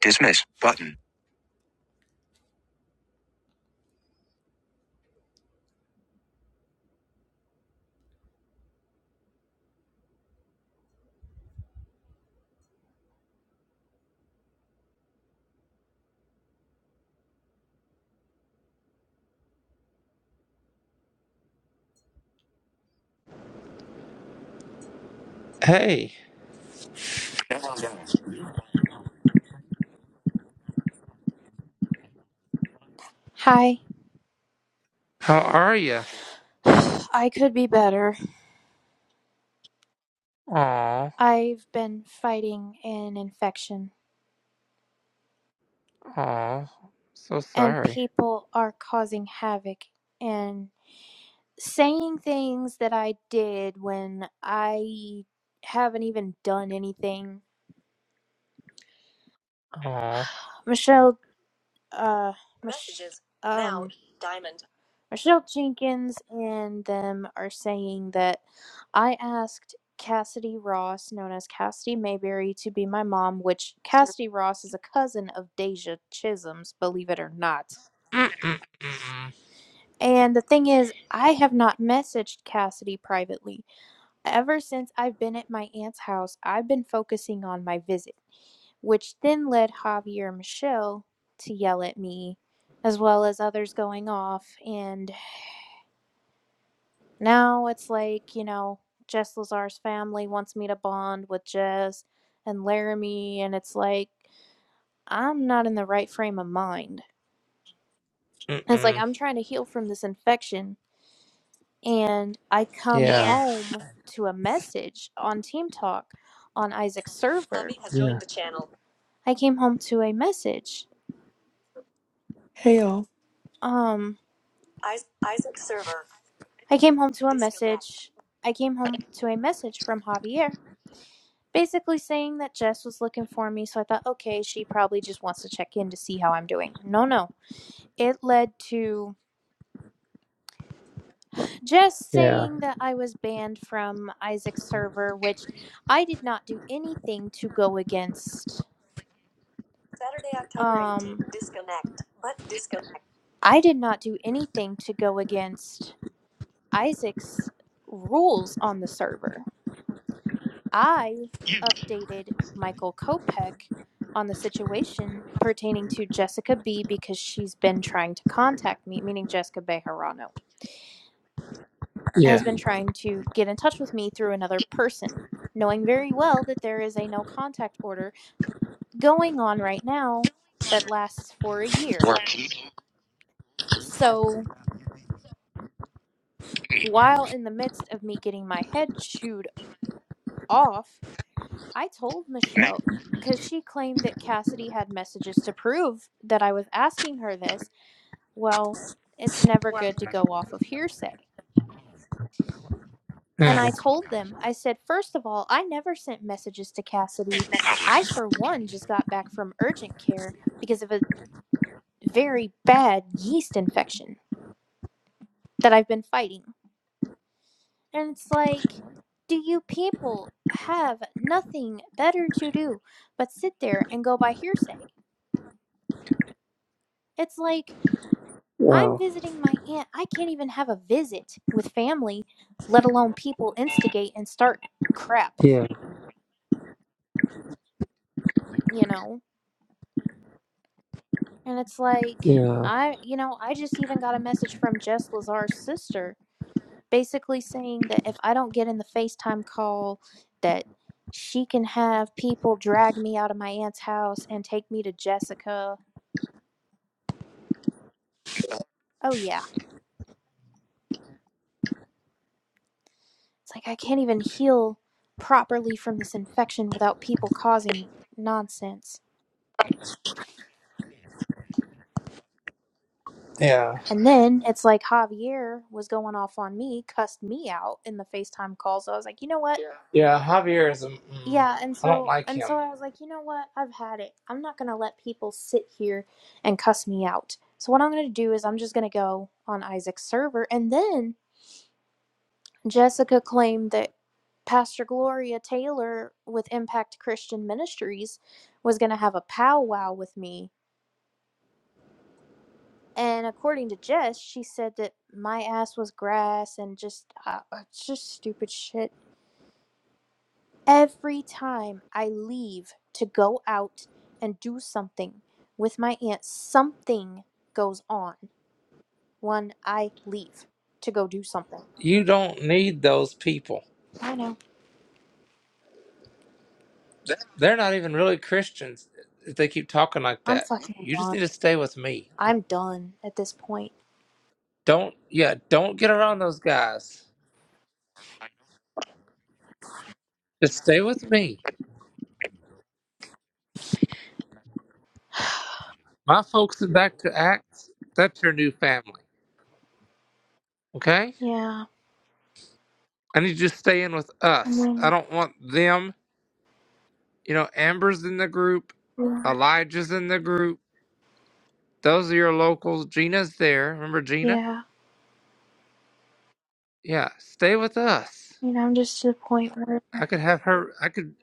Dismiss button. Hey, Hi. how are you? I could be better. Aw, I've been fighting an infection, aw, so and sorry. people are causing havoc and saying things that I did when I haven't even done anything. Aw. Michelle, uh, Mich- Messages. um, Michelle Jenkins and them are saying that I asked Cassidy Ross, known as Cassidy Mayberry, to be my mom, which Cassidy Ross is a cousin of Deja Chisholm's, believe it or not. Mm-mm, mm-mm, And the thing is, I have not messaged Cassidy privately. Ever since I've been at my aunt's house, I've been focusing on my visit, which then led Javier and Michelle to yell at me, as well as others going off. And Now it's like, you know, Jess Lazar's family wants me to bond with Jess and Laramie, and it's like, I'm not in the right frame of mind. mm mm, It's like, mm. I'm trying to heal from this infection, and I come Yeah, home to a message on Team Talk on Isaac's server. Abby has yeah, joined the channel. I came home to a message. Hey y'all. Um, I came home to a message. I came home to a message from Javier basically saying that Jess was looking for me. So I thought, okay, she probably just wants to check in to see how I'm doing. No, no. It led to Jess yeah, saying that I was banned from Isaac's server, which I did not do anything to go against. Um, I did not do anything to go against Isaac's rules on the server. I updated Michael Kopeck on the situation pertaining to Jessica B because she's been trying to contact me, meaning Jessica Bejarano, has yeah. been trying to get in touch with me through another person, knowing very well that there is a no contact order going on right now that lasts for a year. Work. So while in the midst of me getting my head chewed off I told Make Michelle because she claimed that Cassidy had messages to prove that I was asking her this. Well, it's never good to go off of hearsay. And Mm. I told them, I said, first of all, I never sent messages to Cassidy. I, for one, just got back from urgent care because of a very bad yeast infection that I've been fighting. And it's like, do you people have nothing better to do but sit there and go by hearsay? It's like, I'm Well, visiting my aunt. I can't even have a visit with family, let alone people instigate and start crap, yeah, you know? And it's like, yeah, I, you know, I just even got a message from Jess Lazar's sister basically saying that if I don't get in the FaceTime call, that she can have people drag me out of my aunt's house and take me to Jessica. Oh, yeah. It's like, I can't even heal properly from this infection without people causing nonsense. yeah, And then it's like Javier was going off on me, cussed me out in the FaceTime call. So I was like, you know what? Yeah. yeah. Javier is. A, mm, Yeah, and I don't so like and so him. I was like, you know what? I've had it. I'm not gonna let people sit here and cuss me out. So what I'm gonna do is I'm just gonna go on Isaac's server. And then Jessica claimed that Pastor Gloria Taylor with Impact Christian Ministries was gonna have a powwow with me And according to Jess, she said that my ass was grass and just uh, uh, just stupid shit. Every time I leave to go out and do something with my aunt, something goes on when I leave to go do something. You don't need those people. I know. They're not even really Christians if they keep talking like I'm that. fucking You just done. need to stay with me. I'm done at this point. Don't. Yeah, don't get around those guys. Just stay with me. My folks in back to Acts, that's your new family. Okay? yeah. I need you to stay in with I us. I mean, don't want them. You know, Amber's in the group, yeah. Elijah's in the group. Those are your locals. Gina's there. Remember Gina? Yeah. Yeah. Stay with us. You know, I'm just to the point where I could have her I could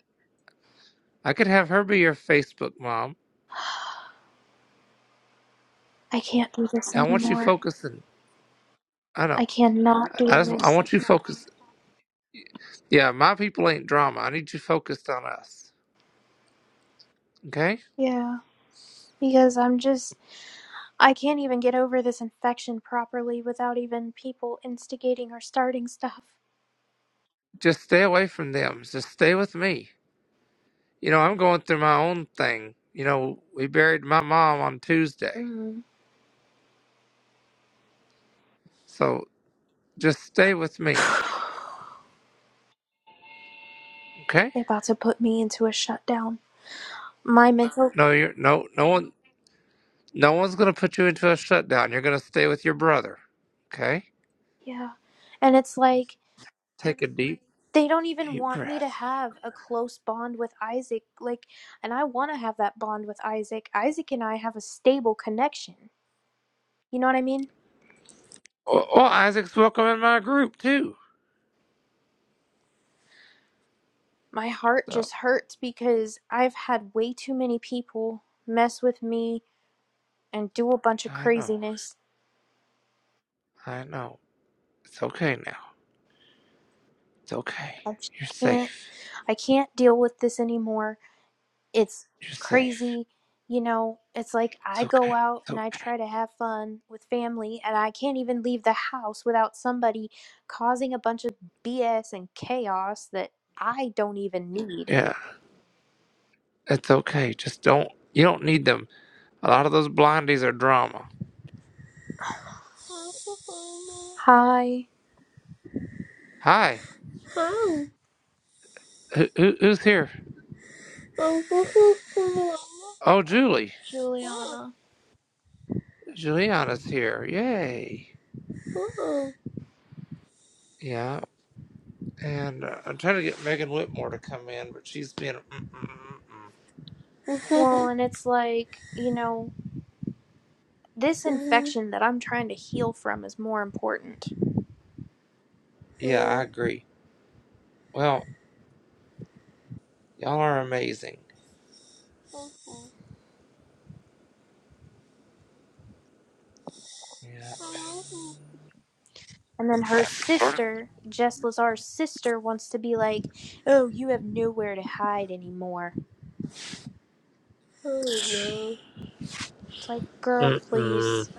I could have her be your Facebook mom. I can't do this I want you anymore. focusing. I I know. cannot I just do I this. want you focused. Yeah, my people ain't drama. I need you focused on us. Okay? Yeah, because I'm just, I can't even get over this infection properly without even people instigating or starting stuff. just stay away from them. Just stay with me. you know, I'm going through my own thing. You know, we buried my mom on Tuesday, Mm. so just stay with me, They're okay? about to put me into a shutdown. My mental, No, you're no no one no one's gonna put you into a shutdown. You're gonna stay with your brother, okay? yeah. And it's like, Take a deep they don't even deep want me to breath. have a close bond with Isaac. Like, and I want to have that bond with Isaac. Isaac and I have a stable connection. You know what I mean? Oh, oh Isaac's welcome in my group too. My heart So just hurts because I've had way too many people mess with me and do a bunch of I know, craziness. I know. It's okay now. It's okay. I just You're can't safe. I can't deal with this anymore. It's You're safe. crazy. You know, it's like It's I go okay. out It's and I okay. try to have fun with family and I can't even leave the house without somebody causing a bunch of BS and chaos that I don't even need. Yeah, it's okay. Just don't. You don't need them A lot of those blondies are drama. Hi, Hi, who, who, who's here? Oh, Julie. Juliana. Juliana's here. Yay. Yeah, and uh, I'm trying to get Megan Whitmore to come in, but she's been. Mm-mm-mm-mm. Well, and it's like, you know, this infection that I'm trying to heal from is more important Yeah, I agree. Well, y'all are amazing. Yeah. And then her sister, Jess Lazar's sister, wants to be like, oh, you have nowhere to hide anymore. It's like, girl, Mm-mm. please.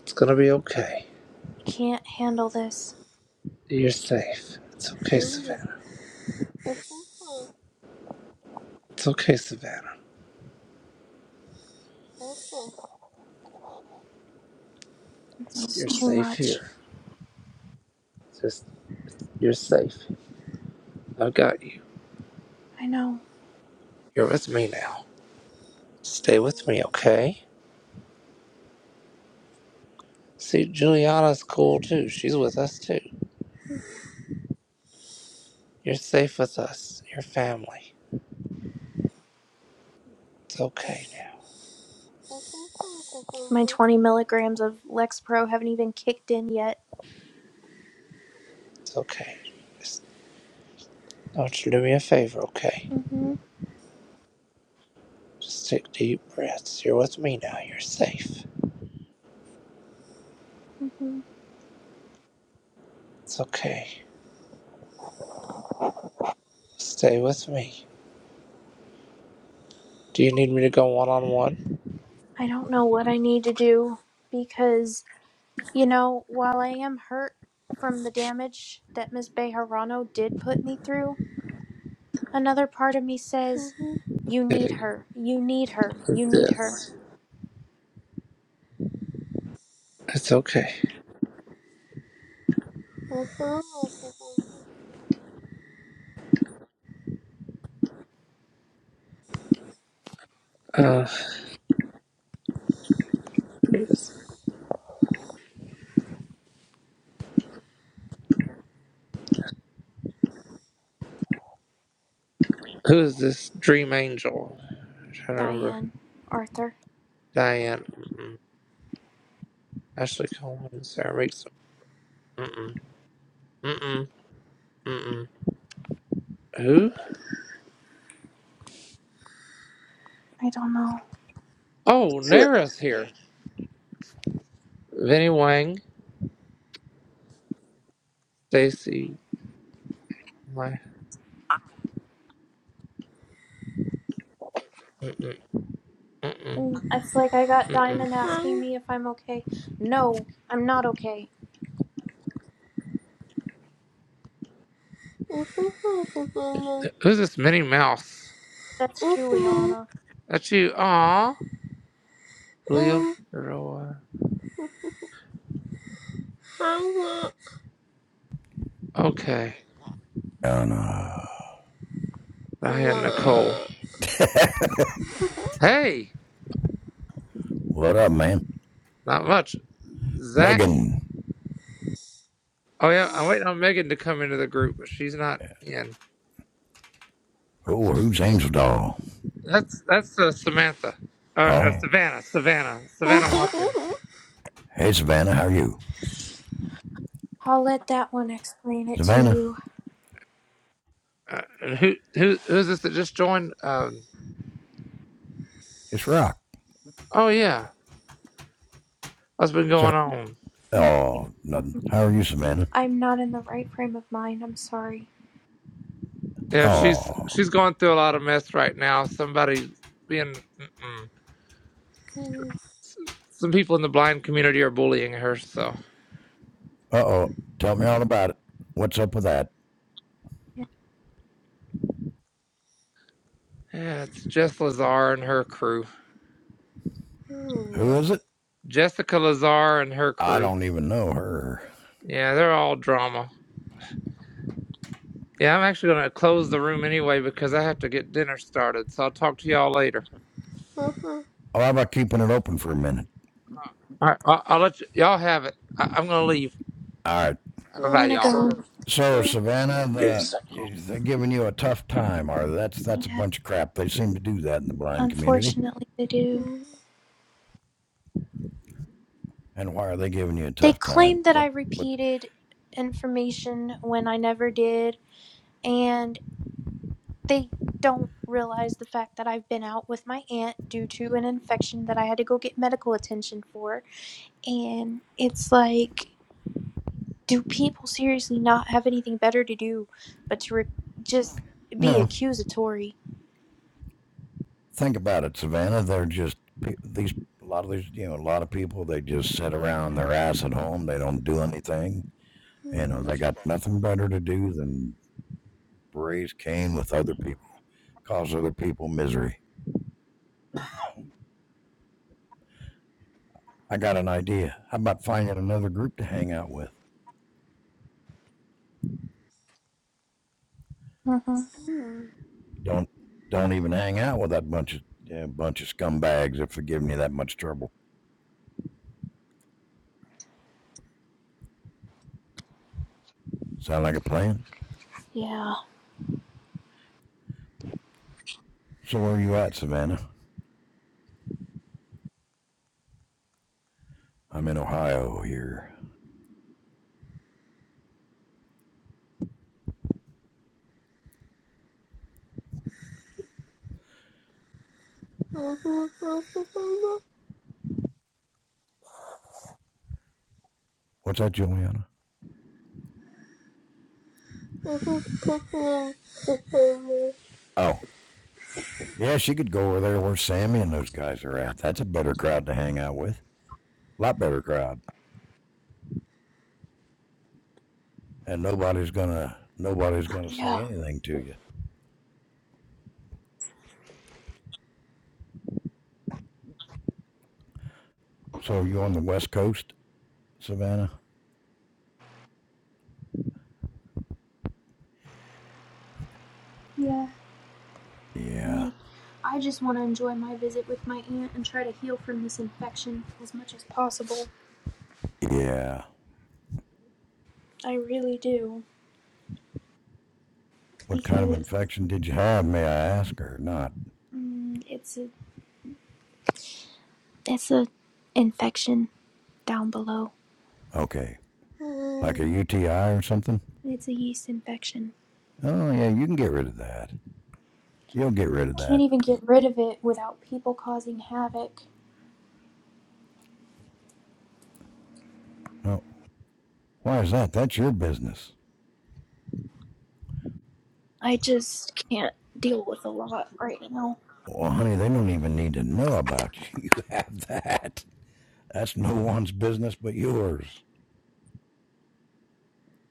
It's gonna be okay. I can't handle this. You're safe. It's okay, Savannah. It's okay, Savannah. This is You're too safe much. here. Just, you're safe. I've got you. I know. You're with me now. Stay with me, okay? See, Juliana's cool too. She's with us too. You're safe with us. Your family. It's okay now. My 20 milligrams of Lexapro haven't even kicked in yet. It's okay. Just I want you to do me a favor, okay? hmm Just take deep breaths. You're with me now. You're safe. hmm It's okay. Stay with me. Do you need me to go one on one? I don't know what I need to do because, you know, while I am hurt from the damage that Miss Bejarano did put me through, Another part of me says, You need With her. You need her. You need her. this. It's okay. Uh, who is this dream angel? I'm trying to remember. Diane, Arthur, Diane. Mm-mm. Ashley Coleman. Sarah Meeks. Mm-mm. Mm-mm. Mm-mm. Who? I don't know. Oh, Nara's here. Vinny Wang, Stacy. My, mm-mm, mm-mm, And it's like I got mm-mm. Diamond asking me if I'm okay. No, I'm not okay. Who's this Minnie Mouse? That's Juliana. That's you. Aw. Leo Figueroa. Okay. Anna. I had Nicole. Hey, what up, man? not much. Zach. Megan. Oh yeah, I'm waiting on Megan to come into the group, but she's not in. Oh, who's Angel Doll? That's that's uh, Samantha. Uh, uh, Oh, Savannah. Savannah. Savannah oh. Watson. Hey, Savannah, how are you? I'll let that one explain it to Savannah, you. Uh, and who who who's this that just joined? Um, it's Rock. oh yeah, what's been So, going on? And oh, nothing. How are you, Savannah? I'm not in the right frame of mind. I'm sorry. Yeah, she's Oh, she's going through a lot of mess right now. Somebody being mm-mm. Wow. S- some people in the blind community are bullying her. So uh oh. Tell me all about it. What's up with that? Yeah, yeah, it's Jess Lazar and her crew. Who is Mm-hmm. it? Jessica Lazar and her I crew. don't even know her. Yeah, they're all drama. Yeah, I'm actually gonna close the room anyway because I have to get dinner started. So I'll talk to y'all later. Oh, how about keeping it open for a minute? All right, I'll, I'll let y- y'all have it. I, I'm gonna leave. All right. Bye I'm bye, gonna y'all. go. So, Savannah, the, Yeah, they're giving you a tough time, or that's that's a bunch of crap. They seem to do that in the blind community. unfortunately, they do. And why are they giving you a They tough time? claim that I What? What? repeated information when I never did, and. They don't realize the fact that I've been out with my aunt due to an infection that I had to go get medical attention for. And it's like, do people seriously not have anything better to do but to re- just be No, accusatory? think about it, Savannah. They're just these. A lot of these, you know, a lot of people. They just sit around their ass at home. They don't do anything. You know, they got nothing better to do than raise Cain with other people, cause other people misery. I got an idea. How about finding another group to hang out with? hmm Don't don't even hang out with that bunch of yeah, bunch of scumbags if they're giving you that much trouble. Sound like a plan? Yeah. So where are you at, Savannah? I'm in Ohio here. What's that, Juliana? Oh, yeah, she could go over there where Sammy and those guys are at. That's a better crowd to hang out with. A lot better crowd, and nobody's gonna nobody's gonna say Yeah. anything to you. So you on the West Coast, Savannah? Yeah. I Yeah, mean, I just want to enjoy my visit with my aunt and try to heal from this infection as much as possible. yeah. I really do. What kind of Because infection did you have? May I ask, or not? mm, it's a it's a infection down below. Okay, like a UTI or something? It's a yeast infection. Oh yeah, you can get rid of that. You'll get rid of I can't that. even get rid of it without people causing havoc. No, why is that? That's your business. I just can't deal with a lot right now. Well, honey, they don't even need to know about you. You have that. That's no one's business but yours.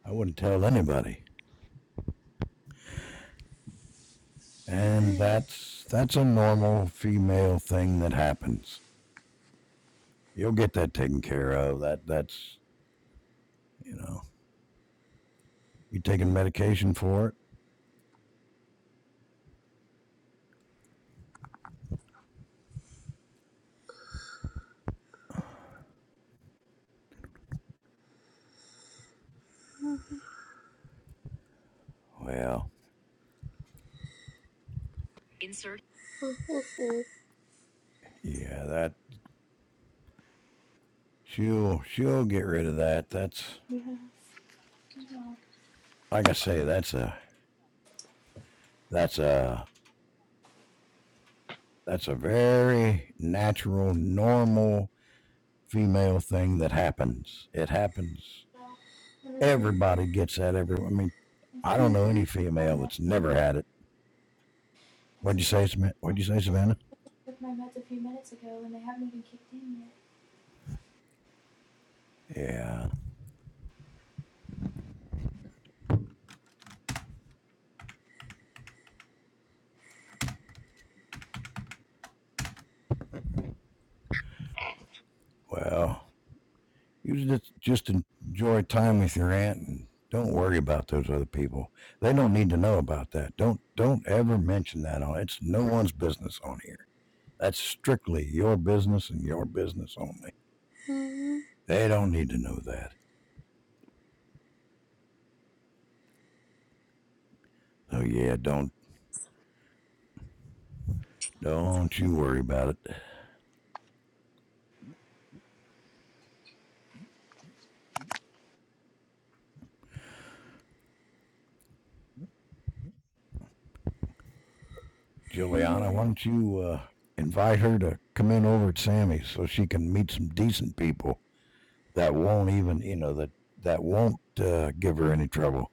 I wouldn't tell anybody. And that's that's a normal female thing that happens. You'll get that taken care of. That that's you know, you taking medication for it? Well, yeah, that she'll she'll get rid of that. That's Yeah. like I say, that's a that's a that's a very natural, normal female thing that happens. It happens. And it's like Everybody gets that every I mean it's I don't like know any I took my meds female a that's few never minutes. had it. It's What'd you like I say, just, Samantha? What'd you say, I just Savannah? took my meds a few minutes ago, and they haven't even kicked in Yeah. yet. Well, you just just enjoy time with your aunt and don't worry about those other people. They don't need to know about that. Don't don't ever mention that on. It's no one's business on here. That's strictly your business and your business only. They don't need to know that. So yeah, don't don't you worry about it, Juliana. Why don't you uh, invite her to come in over at Sammy's so she can meet some decent people that won't even you know that that won't uh, give her any trouble.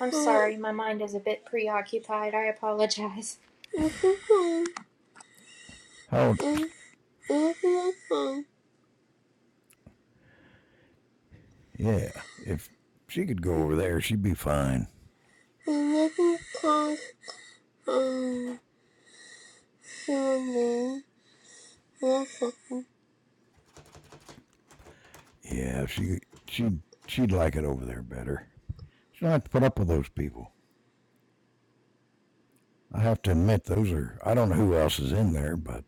I'm sorry, my mind is a bit preoccupied. I apologize. How? Yeah, if she could go over there, she'd be fine. Yeah, she she she'd like it over there better. She don't have to put up with those people. I have to admit, those are I don't know who else is in there, but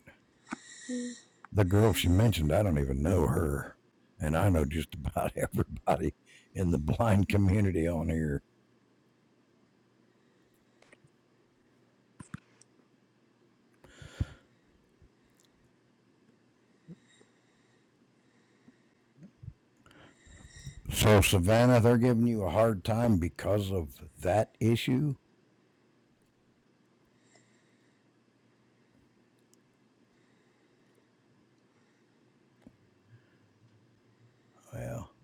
the girl she mentioned, I don't even know her, and I know just about everybody in the blind community on here. So Savannah, they're giving you a hard time because of that issue. Well,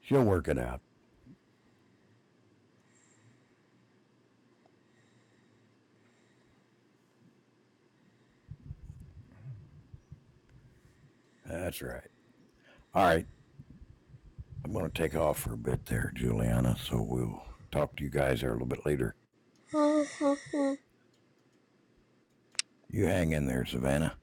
she'll work it out. That's right. All right. I'm going to take off for a bit there, Juliana. So we'll talk to you guys there a little bit later. You hang in there, Savannah.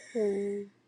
Thank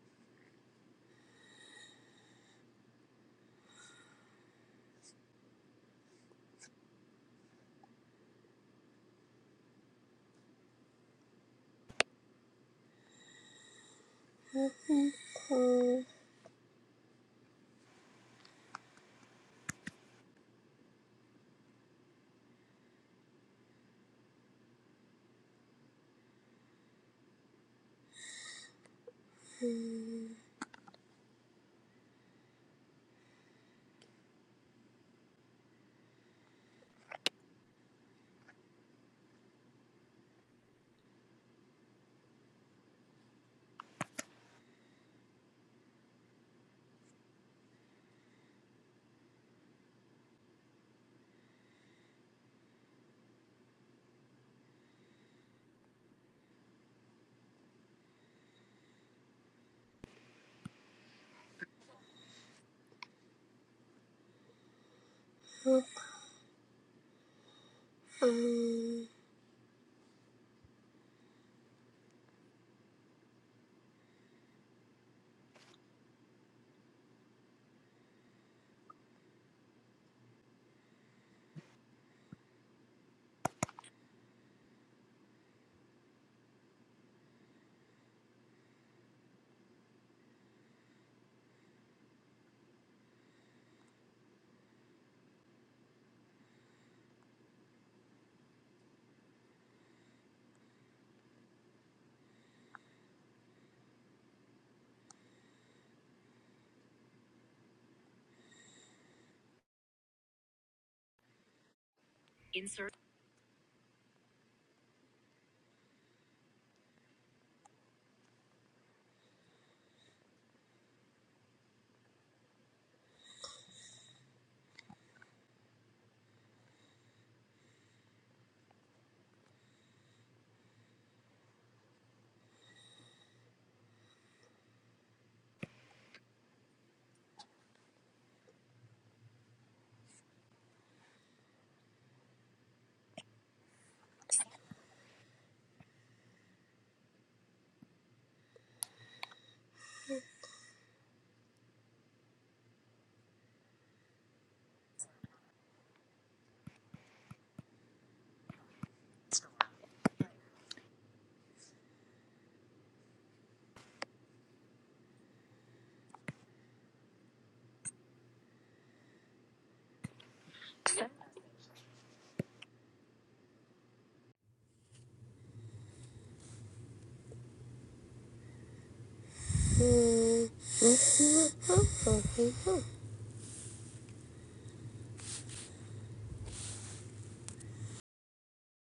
you.